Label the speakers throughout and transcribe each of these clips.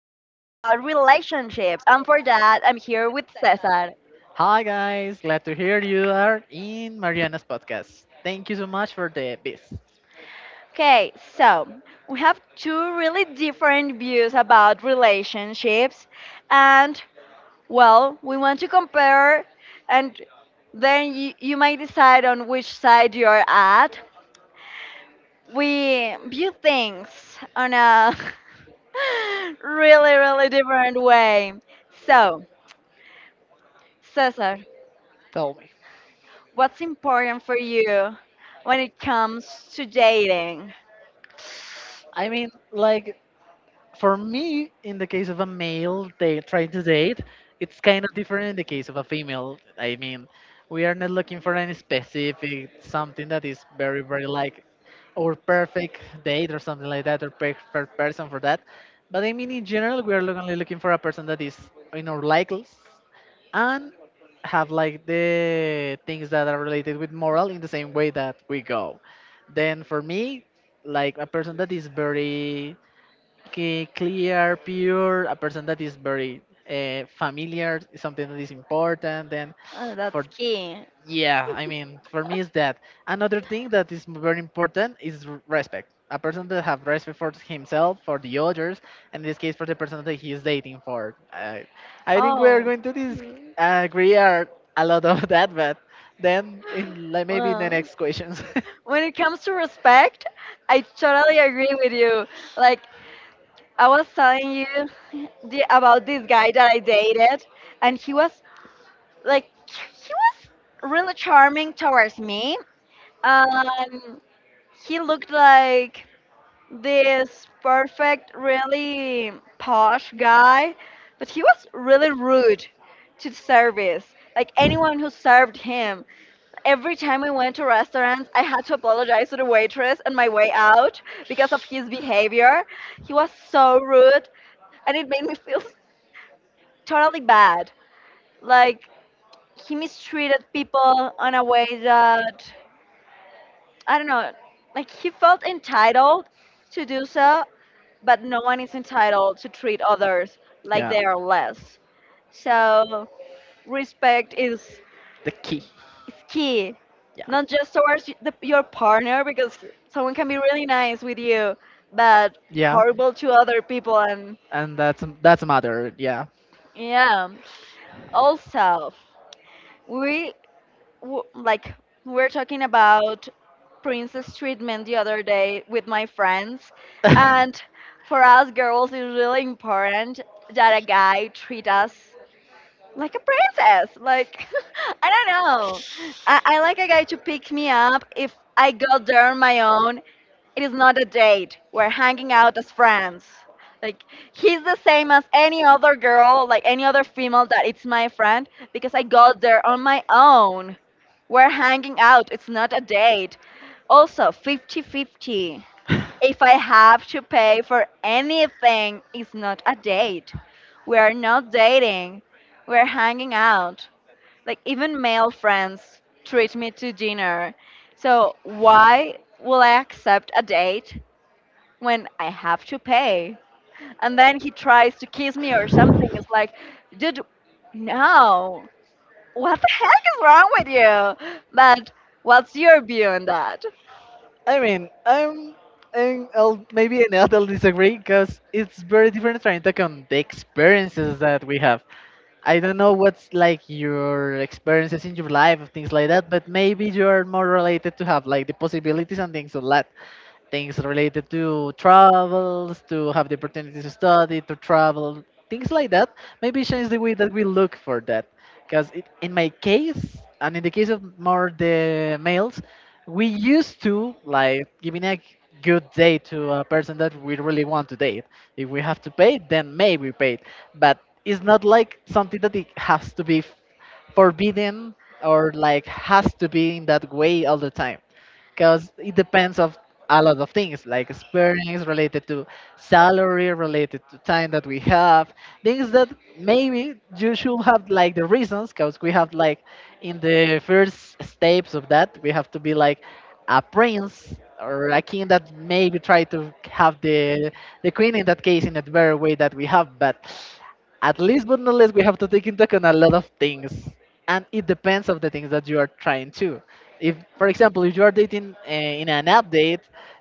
Speaker 1: relationships. And for that, I'm here with Cesar.
Speaker 2: Hi guys, glad to hear you are in Mariana's podcast. Thank you so much for the beats.
Speaker 1: Okay, so we have two really different views about relationships. And, well, we want to compare, and then you might decide on which side you're at. We view things on a really, really different way. So, Cesar,
Speaker 2: Tell me.
Speaker 1: what's important for you when it comes to dating?
Speaker 2: I mean, like for me, in the case of a male they trying to date, it's kind of different in the case of a female. I mean, we are not looking for any specific something that is very, very like our perfect date or something like that, or perfect person for that. But I mean, in general, we are only looking for a person that is in our likes and have like the things that are related with moral in the same way that we go. Then for me, like a person that is very clear, pure, a person that is very familiar, something that is important. And
Speaker 1: Oh,
Speaker 2: for
Speaker 1: that's key.
Speaker 2: yeah, I mean, for me is that. Another thing that is very important is respect. A person that have respect for himself, for the others, and in this case, for the person that he is dating for. I think we are
Speaker 1: Oh,
Speaker 2: going to
Speaker 1: hmm.
Speaker 2: agree a lot of that, but then in like maybe in the
Speaker 1: Well,
Speaker 2: next questions.
Speaker 1: when it comes to respect, I totally agree with you. Like I was telling you about this guy that I dated, and he was really charming towards me. Um, he looked like this perfect, really posh guy, but he was really rude to the service. Like anyone who served him. Every time we went to restaurants, I had to apologize to the waitress on my way out because of his behavior. He was so rude, and it made me feel totally bad. Like he mistreated people on a way that I don't know, like he felt entitled to do so, but no one is entitled to treat others like
Speaker 2: Yeah,
Speaker 1: they are less. So respect is,
Speaker 2: the key.
Speaker 1: is key,
Speaker 2: Yeah.
Speaker 1: not just towards your partner because someone can be really nice with you, but
Speaker 2: Yeah,
Speaker 1: horrible to other people and
Speaker 2: and that's a matter. Yeah.
Speaker 1: yeah. Also, we w- like we were talking about princess treatment the other day with my friends
Speaker 2: I
Speaker 1: and for us girls it's really important that a guy treat us like a princess like I don't know. I like a guy to pick me up. If I got there on my own, it is not a date. We're hanging out as friends. Like he's the same as any other girl, like any other female that it's my friend, because I got there on my own. We're hanging out. It's not a date. Also, fifty-fifty. If I have to pay for anything, it's not a date. We are not dating. We're hanging out. Like even male friends treat me to dinner. So why will I accept a date when I have to pay? And then he tries to kiss me or something. It's like, dude, no. What the heck is wrong with you? But what's your view on that?
Speaker 2: mean, I'll maybe an little disagree because it's very different trying to count the experiences that we have. I don't know what's like your experiences in your life, things like that, but maybe you're more related to have like the possibilities and things like things related to travels, to have the opportunity to study, to travel, things like that. Maybe change the way that we look for that. Because in my case, and in the case of more the males, we used to like giving a good date to a person that we really want to date. If we have to pay, then maybe we pay. But it's not like something that it has to be forbidden or like has to be in that way all the time, because it depends of a lot of things like experience related to salary, related to time that we have, things that maybe you should have like the reasons, because we have like in the first steps of that we have to be like a prince or a king that maybe try to have the queen in that case in a better way that we have. But at least but not least we have to take into account a lot of things, and it depends of the things that you are trying to. If for example if you are dating in an update,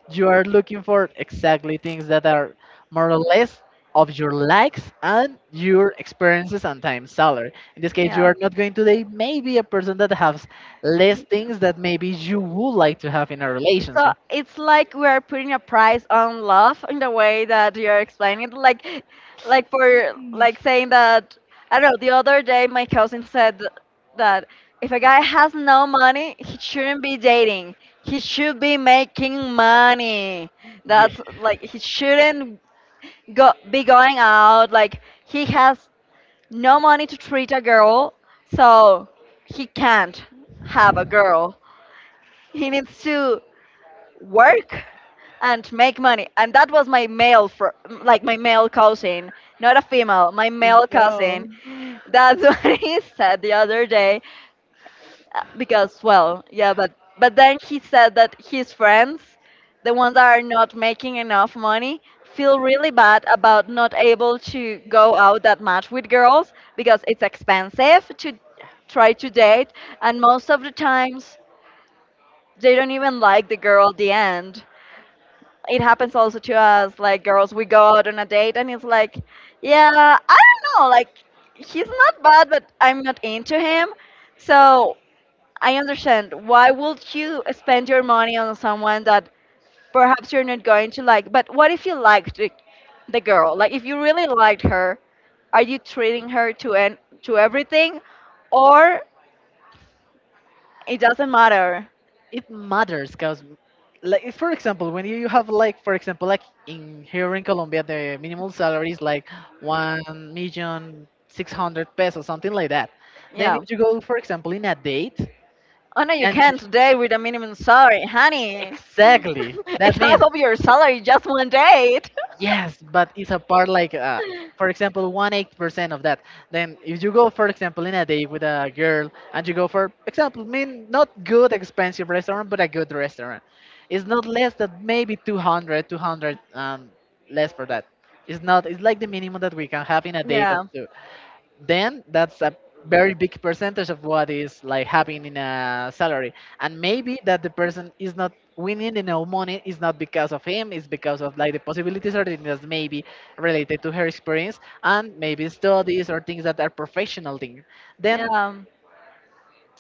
Speaker 2: you are looking for exactly things that are more or less of your likes and your experiences and time salary. In this case you
Speaker 1: Yeah.
Speaker 2: are not going to date maybe a person that has less things that maybe you would like to have in a
Speaker 1: So
Speaker 2: relationship.
Speaker 1: it's like we are putting a price on love in the way that you're explaining it. like, for like saying that I don't know. The other day, my cousin said that if a guy has no money, he shouldn't be dating. He should be making money.
Speaker 2: Yeah.
Speaker 1: That's like he shouldn't go be going out. Like he has no money to treat a girl, so he can't have a girl. He needs to work and make money. And that was my like my male cousin, not a female, my male
Speaker 2: No.
Speaker 1: cousin. That's what he said the other day. Because, well, yeah, but then he said that his friends, the ones that are not making enough money, feel really bad about not able to go out that much with girls because it's expensive to try to date, and most of the times they don't even like the girl at the end. It happens also to us. Like girls, we go out on a date and it's like, yeah, I don't know, like he's not bad but I'm not into him. So I understand why would you spend your money on someone that perhaps you're not going to like. But what if you liked the girl, like if you really liked her, are you treating her to to everything, or it doesn't matter?
Speaker 2: It matters because like if, for example when you have like for example like in here in Colombia, the minimum salary is like one million six hundred pesos something like that. Then
Speaker 1: Yeah.
Speaker 2: if you go for example in a date,
Speaker 1: Oh no, you
Speaker 2: and
Speaker 1: can't today with a minimum salary, honey.
Speaker 2: exactly
Speaker 1: It's
Speaker 2: that
Speaker 1: half
Speaker 2: means.
Speaker 1: of your salary just one date.
Speaker 2: Yes, but it's a part like, for example, one eighth percent of that. Then if you go, for example, in a day with a girl and you go for example, I mean not good expensive restaurant, but a good restaurant, it's not less than maybe 200 less for that. It's not. It's like the minimum that we can have in a date of
Speaker 1: Yeah,
Speaker 2: two. Then that's a very big percentage of what is like having in a salary, and maybe that the person is not winning enough money is not because of him, it's because of like the possibilities or things maybe related to her experience and maybe studies or things that are professional things. Then
Speaker 1: yeah,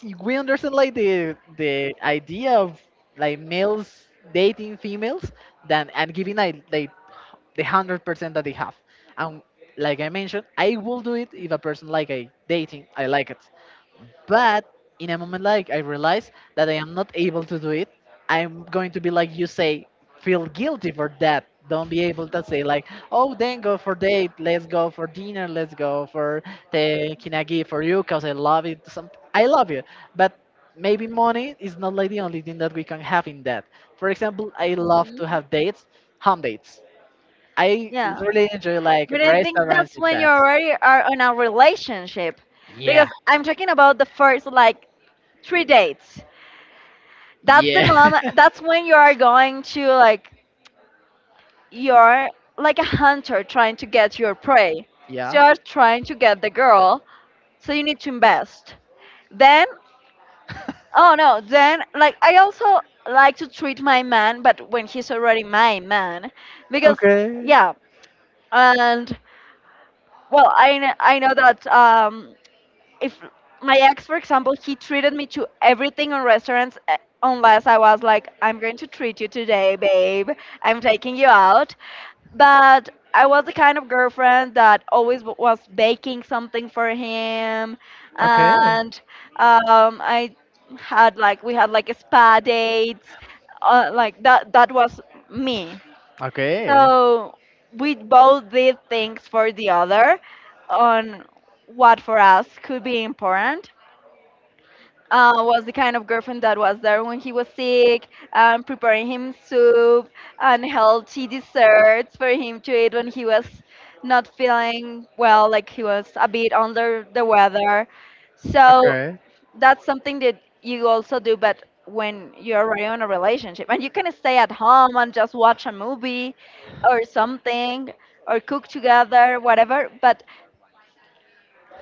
Speaker 2: if we understand like the idea of like males dating females, then and giving like the 100% that they have, and like I mentioned, I will do it if a person like I dating I like it. But in a moment like I realize that I am not able to do it, I'm going to be like you say, feel guilty for that. Don't be able to say like, oh, then go for date, let's go for dinner, let's go for taking a for you because I love it. I love you, but maybe money is not like the only thing that we can have in that. For example, I love
Speaker 1: mhm,
Speaker 2: to have dates, home dates. I
Speaker 1: yeah.
Speaker 2: really enjoy like
Speaker 1: But I think
Speaker 2: restaurants
Speaker 1: that's
Speaker 2: in
Speaker 1: when you
Speaker 2: that.
Speaker 1: already are in a relationship,
Speaker 2: Yeah,
Speaker 1: because I'm talking about the first like three dates. That's the
Speaker 2: yeah,
Speaker 1: moment. That's when you are going to like, you're like a hunter trying to get your prey.
Speaker 2: yeah.
Speaker 1: So you're trying to get the girl, so you need to invest. Then, oh no, then, like, I also like to treat my man, but when he's already my man, because,
Speaker 2: Okay.
Speaker 1: yeah, and, well, I, I know that if my ex, for example, he treated me to everything on restaurants, unless I was like, I'm going to treat you today, babe, I'm taking you out. But I was the kind of girlfriend that always was baking something for him,
Speaker 2: Okay.
Speaker 1: and I had like we had like a spa dates, like that. That was me.
Speaker 2: Okay.
Speaker 1: So we both did things for the other on what for us could be important. Was the kind of girlfriend that was there when he was sick and preparing him soup and healthy desserts for him to eat when he was not feeling well, like he was a bit under the weather. So
Speaker 2: Okay.
Speaker 1: that's something that you also do, but when you're already in a relationship and you can stay at home and just watch a movie or something or cook together, whatever, but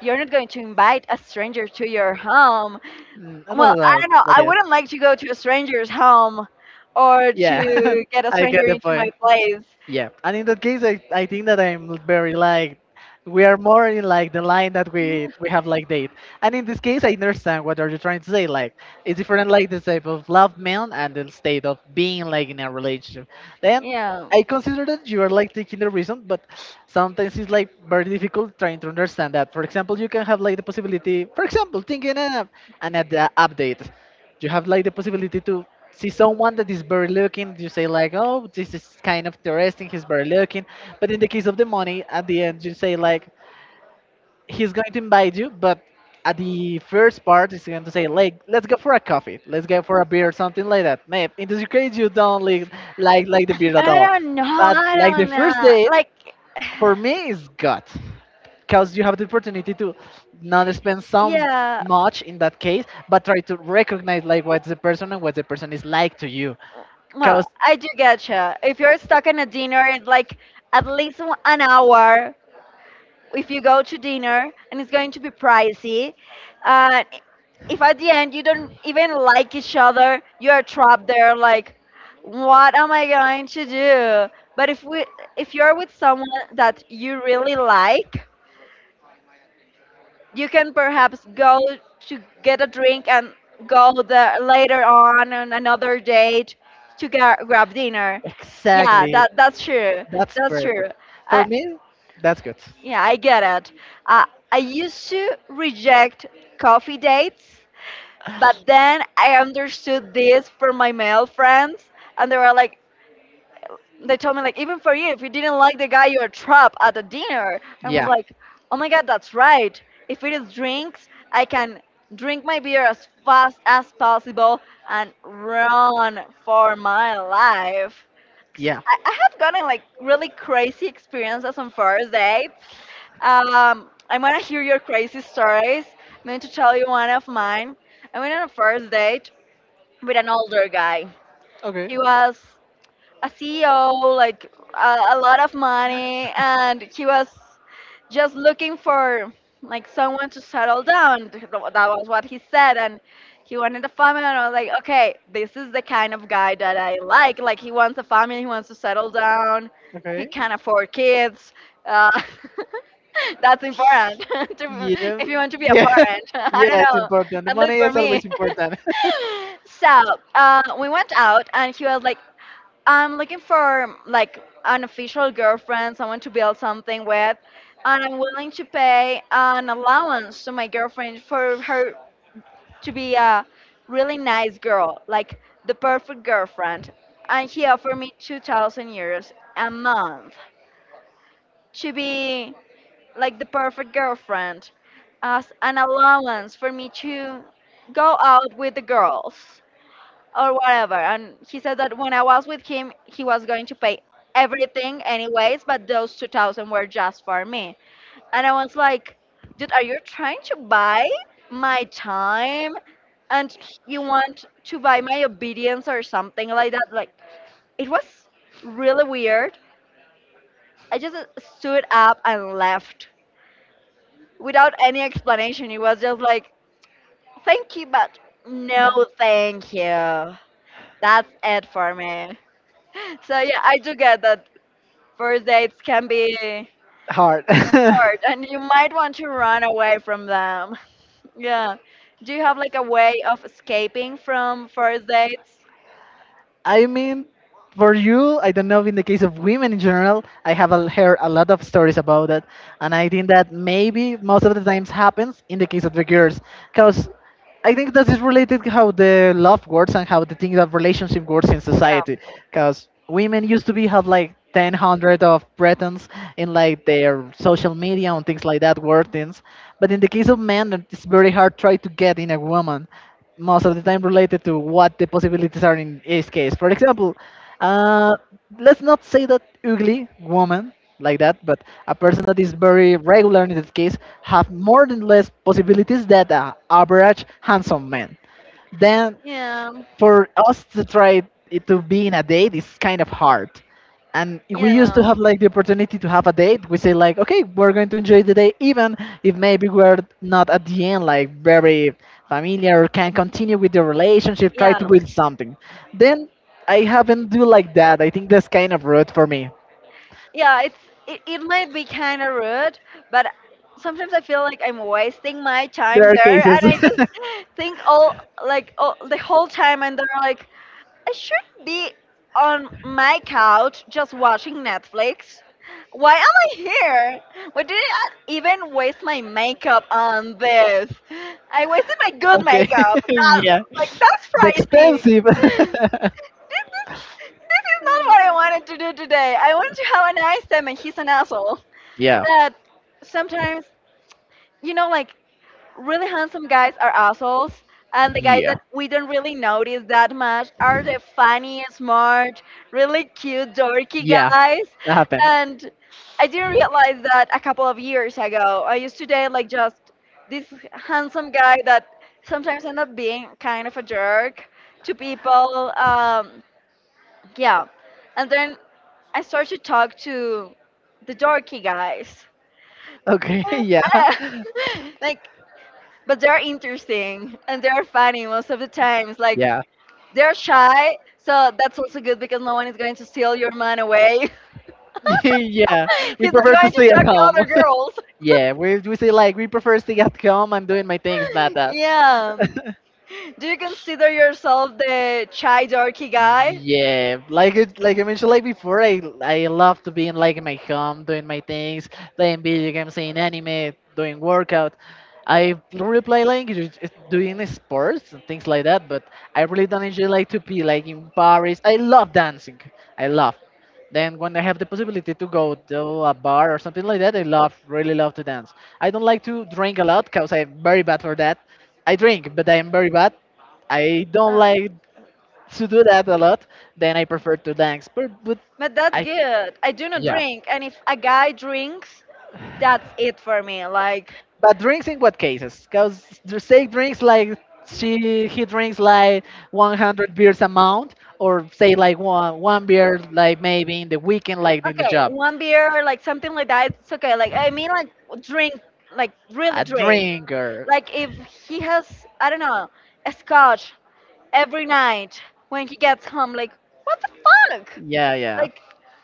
Speaker 1: you're not going to invite a stranger to your home.
Speaker 2: I
Speaker 1: Well,
Speaker 2: don't
Speaker 1: I
Speaker 2: know,
Speaker 1: don't know.
Speaker 2: but
Speaker 1: I
Speaker 2: yes.
Speaker 1: wouldn't like to go to a stranger's home or
Speaker 2: Yeah,
Speaker 1: to get a
Speaker 2: I get
Speaker 1: stranger
Speaker 2: the
Speaker 1: into my
Speaker 2: point.
Speaker 1: place.
Speaker 2: Yeah, and in that case, I think that I'm very like we are more in like the line that we have like date. And in this case, I understand what are you trying to say. Like it's different, like the type of love man and the state of being like in a relationship. Then
Speaker 1: Yeah.
Speaker 2: I consider that you are like taking the reason, but sometimes it's like very difficult trying to understand that. For example, you can have like the possibility, for example, thinking an update. You have like the possibility to see someone that is very looking, you say like, oh, this is kind of interesting, he's very looking, but in the case of the money at the end you say like, he's going to invite you, but at the first part he's going to say like, let's go for a coffee, let's go for a beer, something like that. Maybe in this case you don't like the beer at
Speaker 1: I
Speaker 2: all,
Speaker 1: don't know.
Speaker 2: but
Speaker 1: I
Speaker 2: like the
Speaker 1: don't
Speaker 2: first
Speaker 1: know.
Speaker 2: date
Speaker 1: Like,
Speaker 2: for me is god, because you have the opportunity to not spend so
Speaker 1: yeah.
Speaker 2: much in that case, but try to recognize like what's the person and what the person is like to you. Because
Speaker 1: Well, I do getcha. If you're stuck in a dinner, it's like at least an hour. If you go to dinner and it's going to be pricey, uh, if at the end you don't even like each other, you are trapped there like, what am I going to do? But if you're with someone that you really like, you can perhaps go to get a drink and go there later on another date to grab dinner. Yeah,
Speaker 2: exactly,
Speaker 1: that's true.
Speaker 2: that's
Speaker 1: That's true.
Speaker 2: perfect. For
Speaker 1: I,
Speaker 2: me, that's good.
Speaker 1: Yeah, I get it. Uh, I used to reject coffee dates, but then I understood this from my male friends, and they were like, they told me like, even for you, if you didn't like the guy, you're a trap at a dinner. And I was
Speaker 2: Yeah,
Speaker 1: like, oh my god, that's right. If it is drinks, I can drink my beer as fast as possible and run for my life.
Speaker 2: yeah.
Speaker 1: I have gotten like really crazy experiences on first dates. I want to hear your crazy stories. I'm going to tell you one of mine. I went on a first date with an older guy.
Speaker 2: Okay.
Speaker 1: He was a CEO, like a lot of money, and he was just looking for like someone to settle down. That was what he said, and he wanted a family. And I was like, okay, this is the kind of guy that I like. Like he wants a family, he wants to settle down, he
Speaker 2: Okay.
Speaker 1: can afford kids. Uh, that's important to,
Speaker 2: Yeah.
Speaker 1: if you want to be a
Speaker 2: Yeah.
Speaker 1: parent. I don't
Speaker 2: Yeah, it's
Speaker 1: know,
Speaker 2: important. The
Speaker 1: at
Speaker 2: money
Speaker 1: least for
Speaker 2: is always
Speaker 1: me.
Speaker 2: important.
Speaker 1: So we went out, and he was like, I'm looking for like an official girlfriend, someone to build something with, and I'm willing to pay an allowance to my girlfriend for her to be a really nice girl, like the perfect girlfriend. And he offered me 2,000 euros a month to be like the perfect girlfriend, as an allowance for me to go out with the girls or whatever. And he said that when I was with him, he was going to pay everything anyways, but those 2,000 were just for me. And I was like, dude, are you trying to buy my time? And you want to buy my obedience or something like that? Like, it was really weird. I just stood up and left without any explanation. It was just like, thank you, but no thank you. That's it for me. So yeah, I do get that first dates can be
Speaker 2: Hard.
Speaker 1: hard and you might want to run away from them. Yeah. Do you have like a way of escaping from first dates?
Speaker 2: I mean, for you, I don't know. In the case of women in general, I have heard a lot of stories about it, and I think that maybe most of the times happens in the case of the girls, because I think that is related how the love works and how the thing of relationship works in
Speaker 1: Yeah.
Speaker 2: society. Because women used to be have like 1,000 of pretense in like their social media and things like that, word things. But in the case of men, it's very hard try to get in a woman. Most of the time related to what the possibilities are in each case. For example, uh, let's not say that ugly woman like that, but a person that is very regular in this case have more than less possibilities than a average handsome man. Then
Speaker 1: Yeah.
Speaker 2: for us to try it to be in a date is kind of hard. And we used to
Speaker 1: Yeah.
Speaker 2: have like the opportunity to have a date. We say like, okay, we're going to enjoy the day, even if maybe we're not at the end like very familiar, can continue with the relationship, try
Speaker 1: Yeah.
Speaker 2: to build something. Then I haven't do like that. I think that's kind of rude for me.
Speaker 1: Yeah, it's it, it might be kind of rude, but sometimes I feel like I'm wasting my
Speaker 2: There
Speaker 1: time
Speaker 2: are
Speaker 1: there
Speaker 2: cases.
Speaker 1: and I just think all like all, the whole time and they're like I should be on my couch just watching Netflix. Why am I here? Why did I even waste my makeup on this? I wasted my good
Speaker 2: Okay,
Speaker 1: makeup. That,
Speaker 2: yeah,
Speaker 1: like that's
Speaker 2: the
Speaker 1: pricey.
Speaker 2: expensive.
Speaker 1: This, this is not what I wanted to do today. I wanted to have a nice time, and he's an asshole.
Speaker 2: Yeah,
Speaker 1: That sometimes, you know, like really handsome guys are assholes, and the guys that we don't really notice that much are the funny, smart, really cute, dorky
Speaker 2: yeah,
Speaker 1: guys.
Speaker 2: that happened.
Speaker 1: And I didn't realize that a couple of years ago. I used to date like just this handsome guy that sometimes end up being kind of a jerk to people. Yeah, and then I started to talk to the dorky guys.
Speaker 2: Okay, yeah,
Speaker 1: like but they're interesting and they're funny most of the times. Like
Speaker 2: yeah,
Speaker 1: they're shy, so that's also good because no one is going to steal your man away.
Speaker 2: yeah. We
Speaker 1: He's not
Speaker 2: prefer to
Speaker 1: going to
Speaker 2: stay at
Speaker 1: talk to
Speaker 2: home.
Speaker 1: other girls.
Speaker 2: Yeah, we say like we prefer stay at home. I'm doing my things, not that.
Speaker 1: Yeah. Do you consider yourself the shy, dorky guy?
Speaker 2: Yeah, like it, like I mentioned, like before, I love to be in like in my home doing my things, playing video games, seeing anime, doing workout. I really play like doing sports and things like that, but I really don't enjoy like to be like in Paris. I love dancing. I love. Then when I have the possibility to go to a bar or something like that, I love really love to dance. I don't like to drink a lot because I'm very bad for that. I drink, but I'm very bad. I don't
Speaker 1: Uh.
Speaker 2: like to do that a lot, then I prefer to dance.
Speaker 1: But that's
Speaker 2: I,
Speaker 1: good. I do not
Speaker 2: yeah.
Speaker 1: drink, and if a guy drinks, that's it for me. Like,
Speaker 2: But drinks in what cases? Because say drinks like she he drinks like 100 beers a month, or say like one beer like maybe in the weekend, like in the
Speaker 1: okay,
Speaker 2: job.
Speaker 1: one beer, like something like that, it's okay. Like, I mean, like drink, like really
Speaker 2: A
Speaker 1: drink.
Speaker 2: drinker.
Speaker 1: Like if he has, I don't know, a scotch every night when he gets home, like, what the fuck?
Speaker 2: Yeah, yeah.
Speaker 1: Like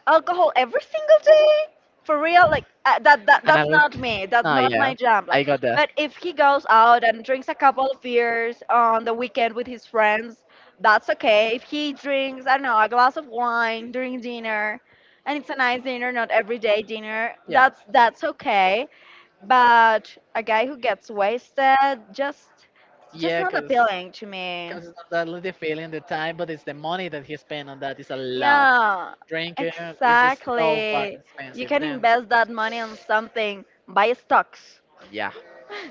Speaker 1: alcohol every single day for real, like uh, that, that
Speaker 2: And I
Speaker 1: that's
Speaker 2: look.
Speaker 1: not me, that's
Speaker 2: No,
Speaker 1: not
Speaker 2: yeah.
Speaker 1: my jam. Like
Speaker 2: I got that.
Speaker 1: but if he goes out and drinks a couple of beers on the weekend with his friends, that's okay. If he drinks, I don't know, a glass of wine during dinner and it's a nice dinner, not everyday dinner,
Speaker 2: Yeah.
Speaker 1: that's okay. But a guy who gets wasted, just just
Speaker 2: Yeah,
Speaker 1: not
Speaker 2: cause,
Speaker 1: appealing to me.
Speaker 2: 'cause it's not that little feeling the time, but it's the money that he spent on that is a lot.
Speaker 1: Yeah,
Speaker 2: Drinking is so
Speaker 1: exactly.
Speaker 2: fucking
Speaker 1: You
Speaker 2: expensive.
Speaker 1: can
Speaker 2: Then,
Speaker 1: invest that money on something. Buy stocks,
Speaker 2: yeah,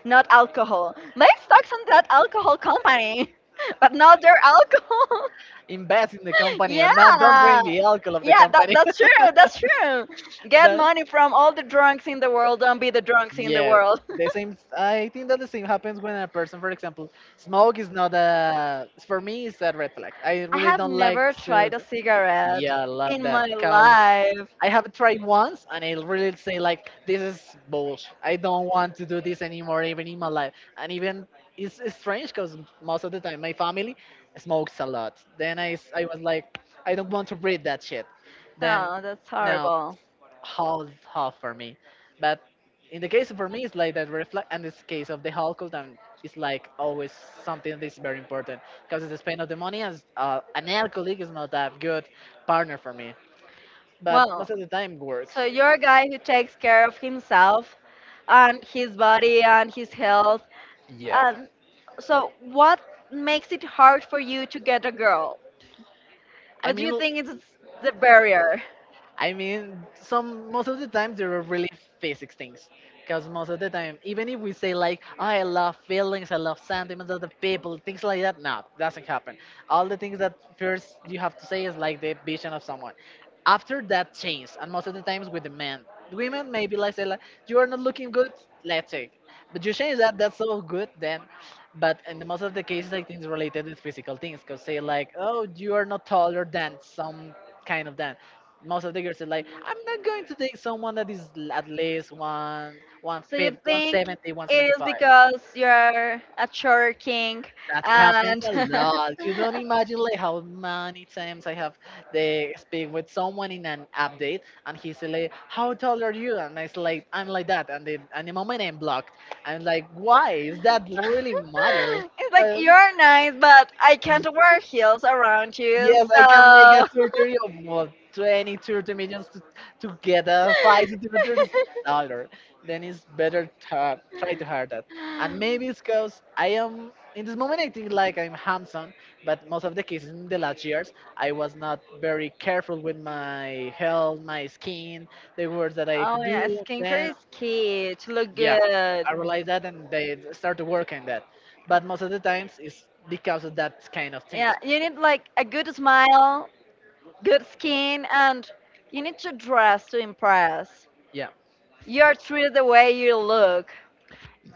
Speaker 1: not alcohol. Buy stocks on that alcohol company, but not their alcohol.
Speaker 2: invest in the company or not. Don't
Speaker 1: Yeah.
Speaker 2: drink the alcohol of the
Speaker 1: Yeah, that,
Speaker 2: company.
Speaker 1: that's true. That's true. Get
Speaker 2: But
Speaker 1: money from all the drunks in the world. Don't be the drunks in the
Speaker 2: yeah,
Speaker 1: world.
Speaker 2: the same. I think that the same happens when a person, for example, smoke is not a. For me, it's a red flag. I
Speaker 1: I
Speaker 2: really
Speaker 1: have
Speaker 2: don't like
Speaker 1: never
Speaker 2: to.
Speaker 1: tried a cigarette
Speaker 2: Yeah, I
Speaker 1: in
Speaker 2: love that
Speaker 1: my
Speaker 2: because
Speaker 1: life.
Speaker 2: I have tried once and I really say like this is bullshit. I don't want to do this anymore, even in my life. And even it's strange because most of the time my family smokes a lot. Then I was like I don't want to breathe that shit. Then
Speaker 1: No, that's
Speaker 2: no,
Speaker 1: horrible.
Speaker 2: half half for me. But in the case for me, it's like that reflect. And this case of the household, and it's like always something that's very important because it's the spend of the money. As an alcoholic is not a good partner for me, but
Speaker 1: Well,
Speaker 2: most of the time works.
Speaker 1: so you're a guy who takes care of himself and his body and his health.
Speaker 2: Yeah.
Speaker 1: And so what makes it hard for you to get a girl?
Speaker 2: I
Speaker 1: What do
Speaker 2: mean,
Speaker 1: you think is the barrier?
Speaker 2: I mean, some most of the times there are really physics things, because most of the time, even if we say like, "Oh, I love feelings, I love sentiments of the people, things like that, no, doesn't happen. All the things that first you have to say is like the vision of someone. After that change, and most of the times with the men, women maybe like say like, you are not looking good, let's take, but you change that, that's so good then. But in the most of the cases, I think it's related with physical things, because say like, oh, you are not taller than some kind of that most of the girls are like, I'm not going to take someone that is at least one one
Speaker 1: So you
Speaker 2: fifth, one
Speaker 1: think
Speaker 2: seventy, one
Speaker 1: it
Speaker 2: seventy
Speaker 1: is
Speaker 2: five.
Speaker 1: because you're a church king
Speaker 2: That happens
Speaker 1: and
Speaker 2: a
Speaker 1: it's
Speaker 2: lot. You don't imagine like how many times I have they speak with someone in an update and he's like, how tall are you? And I'm like that and the moment I'm blocked. I'm like, why? Is that really matters?
Speaker 1: like you're nice, but I can't wear heels around you,
Speaker 2: Yes, I can make a
Speaker 1: so.
Speaker 2: surgery of well, 20, 30 millions to get a 5 centimeters dollar. Then it's better to try to hire that. And maybe it's because I am, in this moment, I think like I'm handsome, but most of the cases in the last years, I was not very careful with my health, my skin, the words that I
Speaker 1: Oh yeah,
Speaker 2: do.
Speaker 1: skincare
Speaker 2: Then,
Speaker 1: is key to look
Speaker 2: yeah,
Speaker 1: good.
Speaker 2: I realized that and they start to work on that. But most of the times, it's because of that kind of things.
Speaker 1: Yeah, you need like a good smile, good skin, and you need to dress to impress.
Speaker 2: Yeah.
Speaker 1: You are treated the way you look.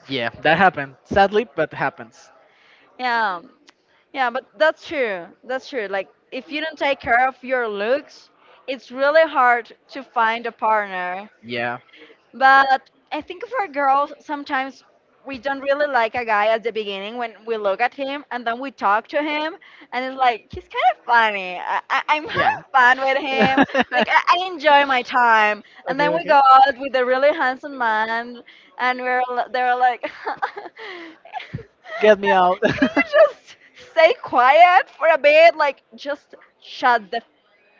Speaker 2: Yeah, that happened. Sadly, but happens.
Speaker 1: Yeah, yeah, but that's true. That's true. Like, if you don't take care of your looks, it's really hard to find a partner.
Speaker 2: Yeah.
Speaker 1: But I think for girls, sometimes we don't really like a guy at the beginning when we look at him and then we talk to him and it's like he's kind of funny. I'm
Speaker 2: Yeah.
Speaker 1: having fun with him.
Speaker 2: okay,
Speaker 1: Like I enjoy my time. And then
Speaker 2: okay.
Speaker 1: we go out with a really handsome man and they're like, can
Speaker 2: Get me out.
Speaker 1: you just stay quiet for a bit? Like just shut the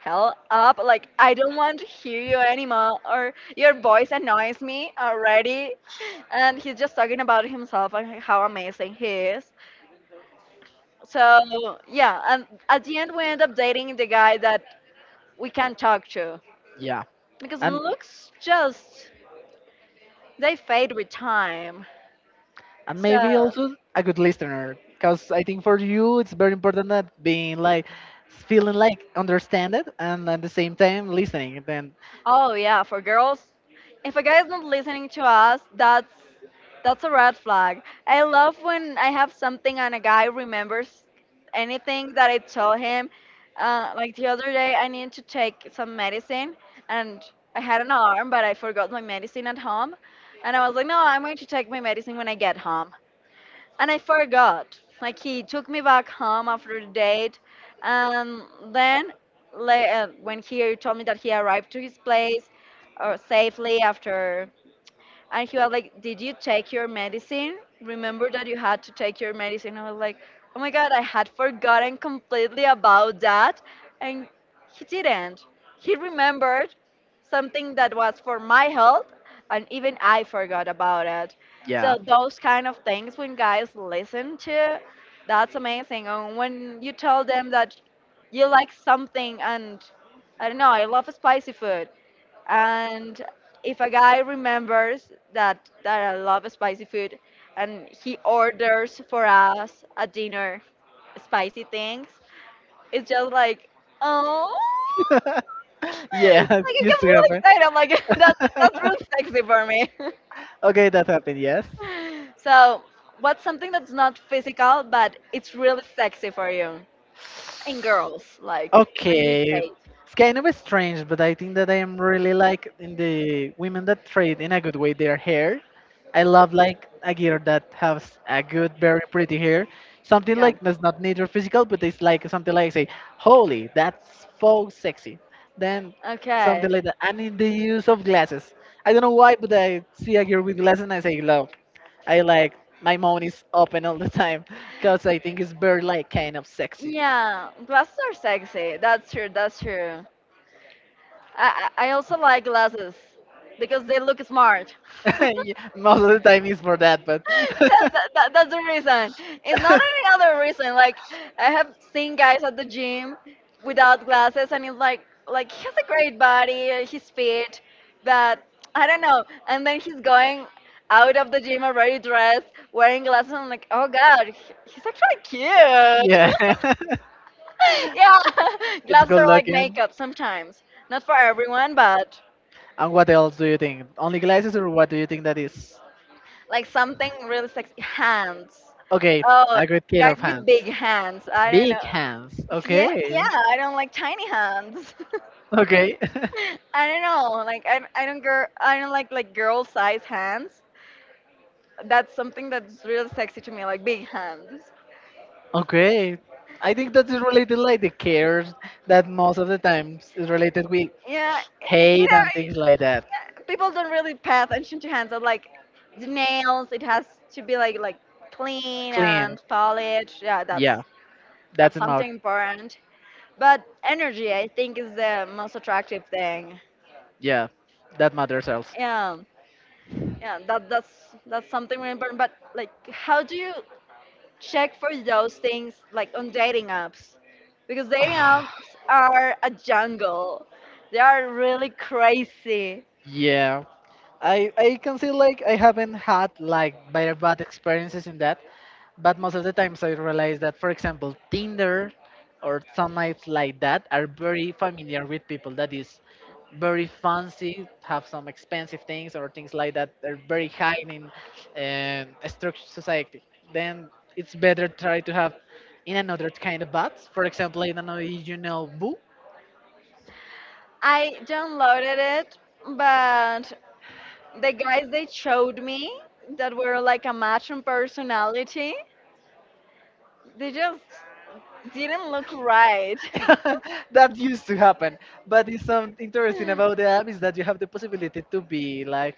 Speaker 1: hell up. Like, I don't want to hear you anymore, or your voice annoys me already. And he's just talking about himself and how amazing he is. So, yeah, and at the end, we end up dating the guy that we can talk to,
Speaker 2: yeah.
Speaker 1: because
Speaker 2: And
Speaker 1: looks just, they fade with time.
Speaker 2: and
Speaker 1: So,
Speaker 2: maybe also a good listener because I think for you it's very important that being like feeling like understanded and at the same time listening then
Speaker 1: oh yeah, for girls, if a guy is not listening to us, that's a red flag. I love when I have something and a guy remembers anything that I told him. Like the other day, I needed to take some medicine, and I had an alarm, but I forgot my medicine at home, and I was like, no, I'm going to take my medicine when I get home, and I forgot. Like he took me back home after the date, and then la- when he told me that he arrived to his place safely after, and he was like, did you take your medicine? Remember that you had to take your medicine? I was like, oh my God, I had forgotten completely about that. And he didn't. He remembered something that was for my health, and even I forgot about it. So,
Speaker 2: yeah.
Speaker 1: those kind of things when guys listen to, that's amazing. And when you tell them that you like something and I don't know, I love spicy food. And if a guy remembers that I love spicy food and he orders for us a dinner spicy things, it's just like, oh,
Speaker 2: Yeah, it
Speaker 1: like it
Speaker 2: used
Speaker 1: gets
Speaker 2: to
Speaker 1: really
Speaker 2: happen.
Speaker 1: excited. I'm like, that's really sexy for me.
Speaker 2: Okay, that happened, yes.
Speaker 1: So, what's something that's not physical but it's really sexy for you? In girls, like when you
Speaker 2: Okay,
Speaker 1: date.
Speaker 2: it's kind of strange, but I think that I am really like in the women that trade in a good way their hair. I love like a girl that has a good, very pretty hair. Something
Speaker 1: Yeah.
Speaker 2: like that's not neither physical, but it's like something like say, holy, that's so sexy. Then something
Speaker 1: Okay.
Speaker 2: like that. And in the use of glasses, I don't know why, but I see a girl with glasses and I say, love. I like my mouth is open all the time because I think it's very like kind of sexy.
Speaker 1: Yeah, glasses are sexy. That's true. That's true. I I also like glasses because they look smart. that,
Speaker 2: Yeah, most of the time is for that, but
Speaker 1: that's the reason. It's not any other reason. Like I have seen guys at the gym without glasses, and it's like he has a great body, he's fit, but I don't know. And then he's going out of the gym already dressed, wearing glasses. And I'm like, oh god, he's actually cute.
Speaker 2: yeah,
Speaker 1: Yeah,
Speaker 2: it's
Speaker 1: glasses
Speaker 2: good
Speaker 1: are like
Speaker 2: looking.
Speaker 1: makeup sometimes. Not for everyone, but
Speaker 2: And what else do you think? Only glasses, or what do you think that is?
Speaker 1: like something really sexy. Hands.
Speaker 2: Okay,
Speaker 1: Oh,
Speaker 2: a good kid
Speaker 1: guys
Speaker 2: of
Speaker 1: with
Speaker 2: hands.
Speaker 1: big hands. I don't
Speaker 2: Big
Speaker 1: know.
Speaker 2: hands.
Speaker 1: Yeah,
Speaker 2: Okay.
Speaker 1: yeah. I don't like tiny hands.
Speaker 2: Okay.
Speaker 1: I don't know. Like I don't girl. I don't like girl size hands. That's something that's really sexy to me. Like big hands.
Speaker 2: Okay. I think that is related like the cares that most of the times is related with
Speaker 1: Yeah, you
Speaker 2: hate
Speaker 1: know,
Speaker 2: and things like that.
Speaker 1: yeah, people don't really pay attention to hands. But like the nails, it has to be like clean
Speaker 2: Clean.
Speaker 1: and polished. Yeah,
Speaker 2: Yeah. That's
Speaker 1: that's
Speaker 2: about
Speaker 1: something important. But energy, I think, is the most attractive thing.
Speaker 2: yeah. That matters else.
Speaker 1: Yeah, yeah, that's something really important. But like, how do you check for those things like on dating apps? Because dating apps are a jungle. They are really crazy.
Speaker 2: Yeah. I can say like I haven't had like better bad experiences in that. But most of the times I realize that, for example, Tinder or some apps like that are very familiar with people that is very fancy, have some expensive things or things like that. They're very high in a structured society. Then it's better try to have in another kind of bots. For example, I don't know if you know Boo.
Speaker 1: I downloaded it, but the guys they showed me that were like a match in personality, they just didn't look right.
Speaker 2: That used to happen, but it's some interesting about the app is that you have the possibility to be like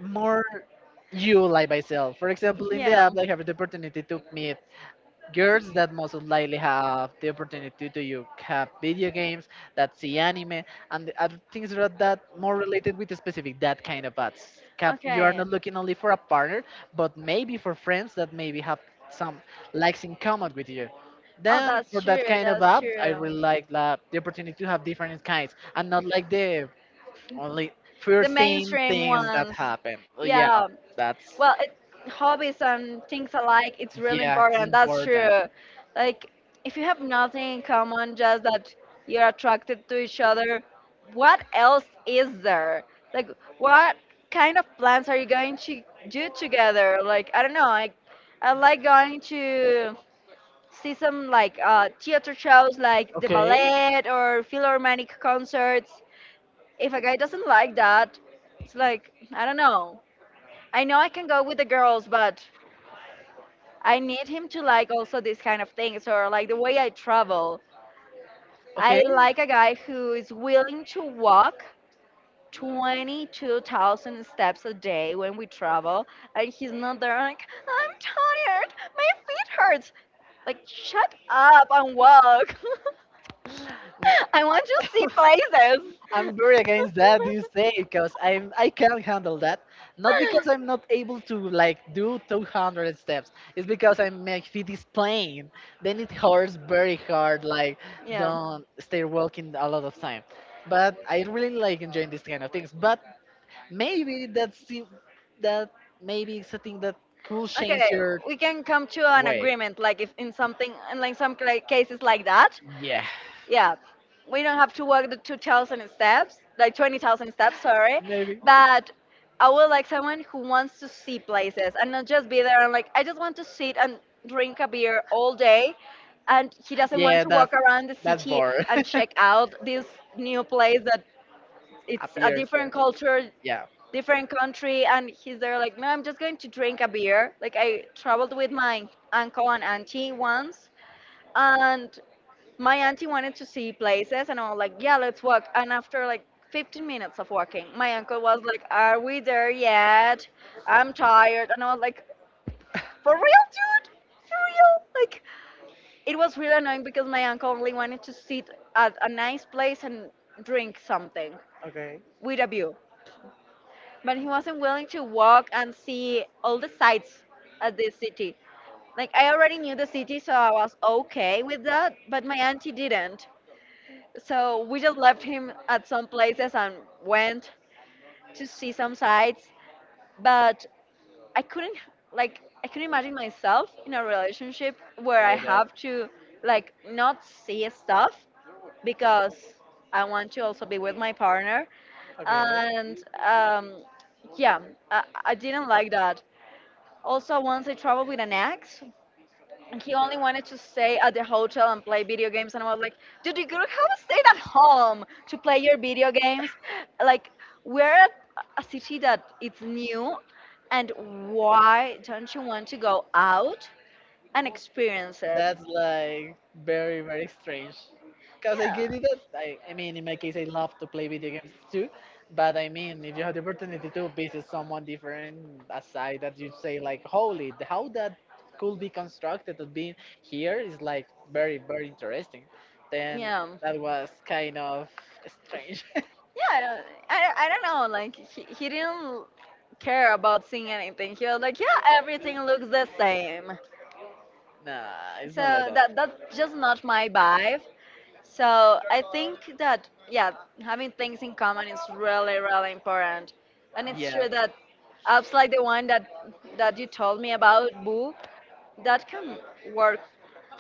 Speaker 2: more you like myself. For example, in the
Speaker 1: Yeah.
Speaker 2: app, I have the opportunity to meet girls that most likely have the opportunity to you have video games that see anime and the other things that more related with the specific that kind of ads. Cap, you are
Speaker 1: Okay.
Speaker 2: not looking only for a partner, but maybe for friends that maybe have some likes in common with you.
Speaker 1: Oh,
Speaker 2: Then for
Speaker 1: that's true.
Speaker 2: that kind of
Speaker 1: That's
Speaker 2: app, I
Speaker 1: true.
Speaker 2: really like the opportunity to have different kinds and not like the only
Speaker 1: The
Speaker 2: foreseen
Speaker 1: mainstream
Speaker 2: things that
Speaker 1: ones.
Speaker 2: happen. Yeah,
Speaker 1: Yeah,
Speaker 2: that's
Speaker 1: well, it, hobbies and things alike, it's really
Speaker 2: yeah, it's
Speaker 1: important. That's true.
Speaker 2: important.
Speaker 1: Like, if you have nothing in common, just that you're attracted to each other, what else is there? Like, what kind of plans are you going to do together? Like, I don't know. I like going to see some like theater shows, like the
Speaker 2: Okay.
Speaker 1: ballet or philharmonic concerts. If a guy doesn't like that, it's like I don't know. I know I can go with the girls, but I need him to like also these kind of things or like the way I travel.
Speaker 2: Okay.
Speaker 1: I like a guy who is willing to walk 22,000 steps a day when we travel and he's not there like, I'm tired, my feet hurt. Like, shut up and walk. I want to see places.
Speaker 2: I'm very against that you say because I can't handle that. Not because I'm not able to like do 200 steps. It's because I my feet is plain. Then it hurts very hard. Like
Speaker 1: Yeah.
Speaker 2: don't stay walking a lot of time. But I really like enjoying these kind of things. But maybe that's that maybe it's a thing that could change
Speaker 1: Okay,
Speaker 2: your
Speaker 1: we can come to an
Speaker 2: way.
Speaker 1: agreement, like if in something, in like some cases like that.
Speaker 2: Yeah,
Speaker 1: Yeah, we don't have to walk the 2,000 steps, like 20,000 steps, sorry.
Speaker 2: maybe.
Speaker 1: But I would like someone who wants to see places and not just be there and like, I just want to sit and drink a beer all day. And he doesn't want
Speaker 2: Yeah,
Speaker 1: to walk around the
Speaker 2: that's
Speaker 1: city
Speaker 2: boring.
Speaker 1: and check out this new place that it's a
Speaker 2: Appears there.
Speaker 1: different culture,
Speaker 2: Yeah.
Speaker 1: different country, and he's there like, no, I'm just going to drink a beer. Like I traveled with my uncle and auntie once, and my auntie wanted to see places and I was like, yeah, let's walk. And after like 15 minutes of walking, my uncle was like, are we there yet? I'm tired. And I was like, for real, dude? For real. Like it was really annoying because my uncle only wanted to sit at a nice place and drink something
Speaker 2: Okay.
Speaker 1: with a view, but he wasn't willing to walk and see all the sights of this city. Like I already knew the city, so I was okay with that, but my auntie didn't. So we just left him at some places and went to see some sights, but I couldn't, like I couldn't imagine myself in a relationship where I
Speaker 2: Like that.
Speaker 1: have to like not see stuff because I want to also be with my partner,
Speaker 2: Okay.
Speaker 1: and um, yeah, I didn't like that. Also, once I traveled with an ex, and he
Speaker 2: Okay.
Speaker 1: only wanted to stay at the hotel and play video games, and I was like, "Dude, you could have stayed at home to play your video games." Like, we're at a city that it's new, and why don't you want to go out and experience it?
Speaker 2: That's like very very strange. Cause I get it. That I mean, in my case, I love to play video games
Speaker 1: Yeah.
Speaker 2: too. But I mean, if you have the opportunity to visit someone different aside that you say like, holy, how that could be constructed to be here is like very very interesting. Then
Speaker 1: Yeah.
Speaker 2: that was kind of strange.
Speaker 1: Yeah, I don't know. Like he didn't care about seeing anything. He was like, yeah, everything looks the same.
Speaker 2: Nah, it's
Speaker 1: So
Speaker 2: not like that.
Speaker 1: that's just not my vibe. So I think that yeah, having things in common is really really important, and it's
Speaker 2: Yeah.
Speaker 1: true that apps like the one that you told me about, Boo, that can work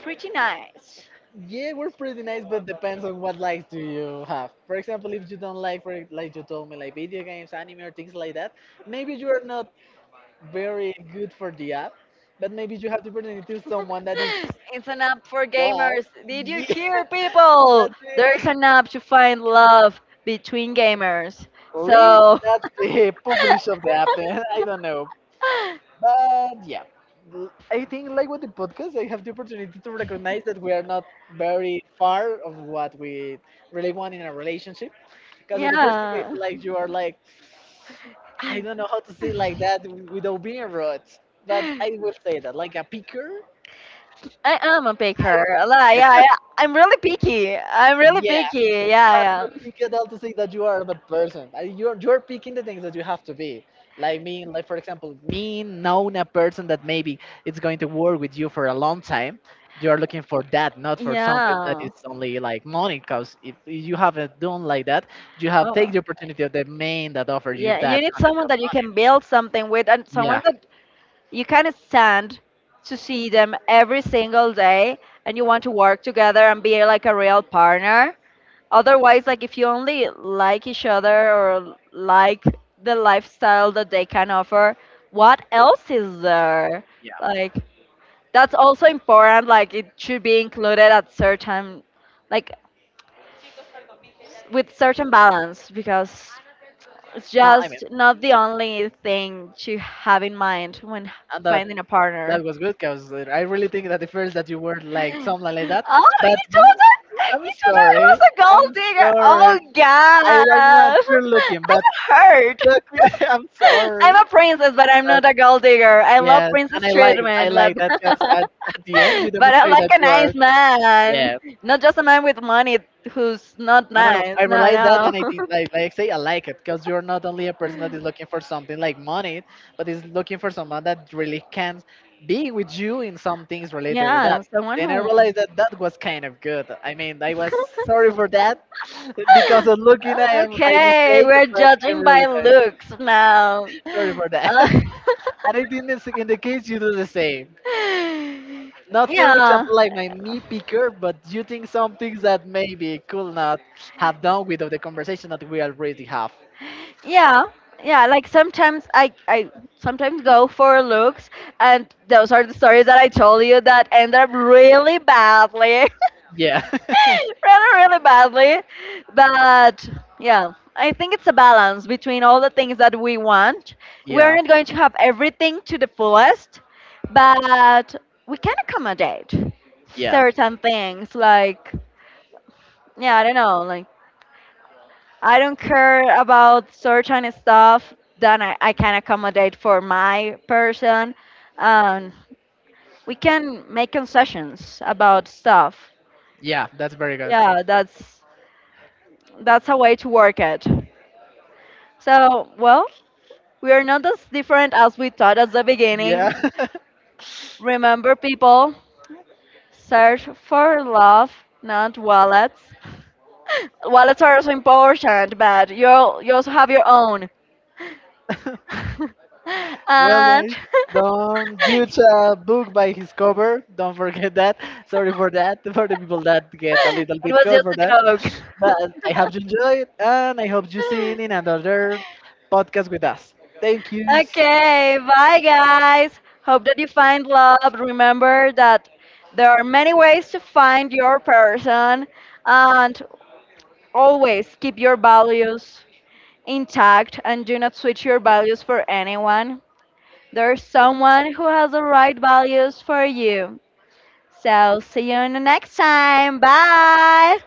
Speaker 1: pretty nice.
Speaker 2: Yeah, we're pretty nice, but depends on what likes do you have. For example, if you don't like, for like you told me, like video games, anime, or things like that, maybe you are not very good for the app, but maybe you have the opportunity to someone that is
Speaker 1: It's an app for
Speaker 2: God.
Speaker 1: gamers. Did you
Speaker 2: Yeah,
Speaker 1: hear, people?
Speaker 2: that's
Speaker 1: There's an app to find love between gamers.
Speaker 2: the lead,
Speaker 1: So,
Speaker 2: that's the publish of the app. Then I don't know, but yeah, I think like with the podcast, I have the opportunity to recognize that we are not very far of what we really want in a relationship. Because at the first thing
Speaker 1: yeah.
Speaker 2: is like you are like, I don't know how to say like that without being rude, but I will say that like a picker.
Speaker 1: I am a picker.
Speaker 2: I
Speaker 1: Like, yeah, yeah. I'm really picky. I'm really
Speaker 2: yeah,
Speaker 1: picky.
Speaker 2: but
Speaker 1: Yeah,
Speaker 2: not
Speaker 1: yeah.
Speaker 2: picky at all to say that you are a bad person. You're picking the things that you have to be. Like me, like for example, me knowing a person that maybe it's going to work with you for a long time. You're looking for that, not for something that
Speaker 1: Yeah.
Speaker 2: is only like money. Because if you haven't done like that, you have take
Speaker 1: Oh,
Speaker 2: the opportunity of the main that offer you
Speaker 1: yeah. You
Speaker 2: that
Speaker 1: need
Speaker 2: quantity
Speaker 1: someone
Speaker 2: of
Speaker 1: that you
Speaker 2: money.
Speaker 1: can build something with, and someone
Speaker 2: Yeah,
Speaker 1: that you can stand to see them every single day, and you want to work together and be like a real partner. Otherwise, like if you only like each other or like the lifestyle that they can offer, what else is there?
Speaker 2: yeah.
Speaker 1: Like that's also important. Like it should be included at certain like with certain balance, because it's
Speaker 2: No, I mean,
Speaker 1: just not the only thing to have in mind when
Speaker 2: and that
Speaker 1: finding a partner.
Speaker 2: that was good because I really think that the first that you were like something
Speaker 1: Oh,
Speaker 2: like that, but
Speaker 1: you told
Speaker 2: I'm
Speaker 1: you told her I
Speaker 2: sorry.
Speaker 1: was a
Speaker 2: I'm
Speaker 1: gold digger.
Speaker 2: sorry.
Speaker 1: Oh
Speaker 2: I'm not
Speaker 1: God,
Speaker 2: good looking,
Speaker 1: I'm
Speaker 2: but
Speaker 1: hurt.
Speaker 2: look, I'm sorry.
Speaker 1: I'm a princess, but I'm
Speaker 2: But
Speaker 1: not a gold digger. I love
Speaker 2: yes, and
Speaker 1: princess
Speaker 2: I
Speaker 1: treatment, but
Speaker 2: like that because at the end you
Speaker 1: but I
Speaker 2: demonstrate
Speaker 1: like
Speaker 2: that
Speaker 1: a
Speaker 2: you are.
Speaker 1: nice man,
Speaker 2: Yeah.
Speaker 1: not just a man with money who's not
Speaker 2: I don't know.
Speaker 1: nice.
Speaker 2: I
Speaker 1: No,
Speaker 2: realized that, and I
Speaker 1: no.
Speaker 2: think, like I say, I like it because you're not only a person that is looking for something like money, but is looking for someone that really can be with you in some things related with
Speaker 1: Yeah,
Speaker 2: that.
Speaker 1: someone
Speaker 2: Then I
Speaker 1: who.
Speaker 2: realized that that was kind of good. I mean, I was sorry for that because of looking, I am I
Speaker 1: Okay,
Speaker 2: mistake,
Speaker 1: we're
Speaker 2: but I
Speaker 1: judging by
Speaker 2: really did.
Speaker 1: looks now.
Speaker 2: Sorry for that. And
Speaker 1: Uh,
Speaker 2: I think in in the case you do the same not for an
Speaker 1: yeah,
Speaker 2: example like my me picker, but you think some things that maybe could not have done without the conversation that we already have.
Speaker 1: yeah, yeah. Like sometimes I sometimes go for looks, and those are the stories that I told you that end up really badly.
Speaker 2: Yeah,
Speaker 1: Really, really badly. But yeah, I think it's a balance between all the things that we want. We are
Speaker 2: yeah,
Speaker 1: not going to have everything to the fullest, but we can accommodate
Speaker 2: yeah,
Speaker 1: certain things. Like, yeah, I don't know, like, I don't care about certain stuff that I can accommodate for my person. And we can make concessions about stuff.
Speaker 2: yeah. That's very good.
Speaker 1: Yeah, that's a way to work it. So, well, we are not as different as we thought at the beginning.
Speaker 2: Yeah.
Speaker 1: Remember, people, search for love, not wallets. Wallets are also important, but you also have your own.
Speaker 2: Well,
Speaker 1: And
Speaker 2: guys, don't judge a book by his cover. Don't forget that. Sorry for that for the people that get a
Speaker 1: it
Speaker 2: little bit
Speaker 1: was
Speaker 2: hurt
Speaker 1: just
Speaker 2: for
Speaker 1: a
Speaker 2: that.
Speaker 1: joke.
Speaker 2: But I hope you enjoyed, and I hope you see in another podcast with us. Thank you.
Speaker 1: Okay, bye guys. Hope that you find love. Remember that there are many ways to find your person, and always keep your values intact and do not switch your values for anyone. There's someone who has the right values for you. So, see you in the next time. Bye.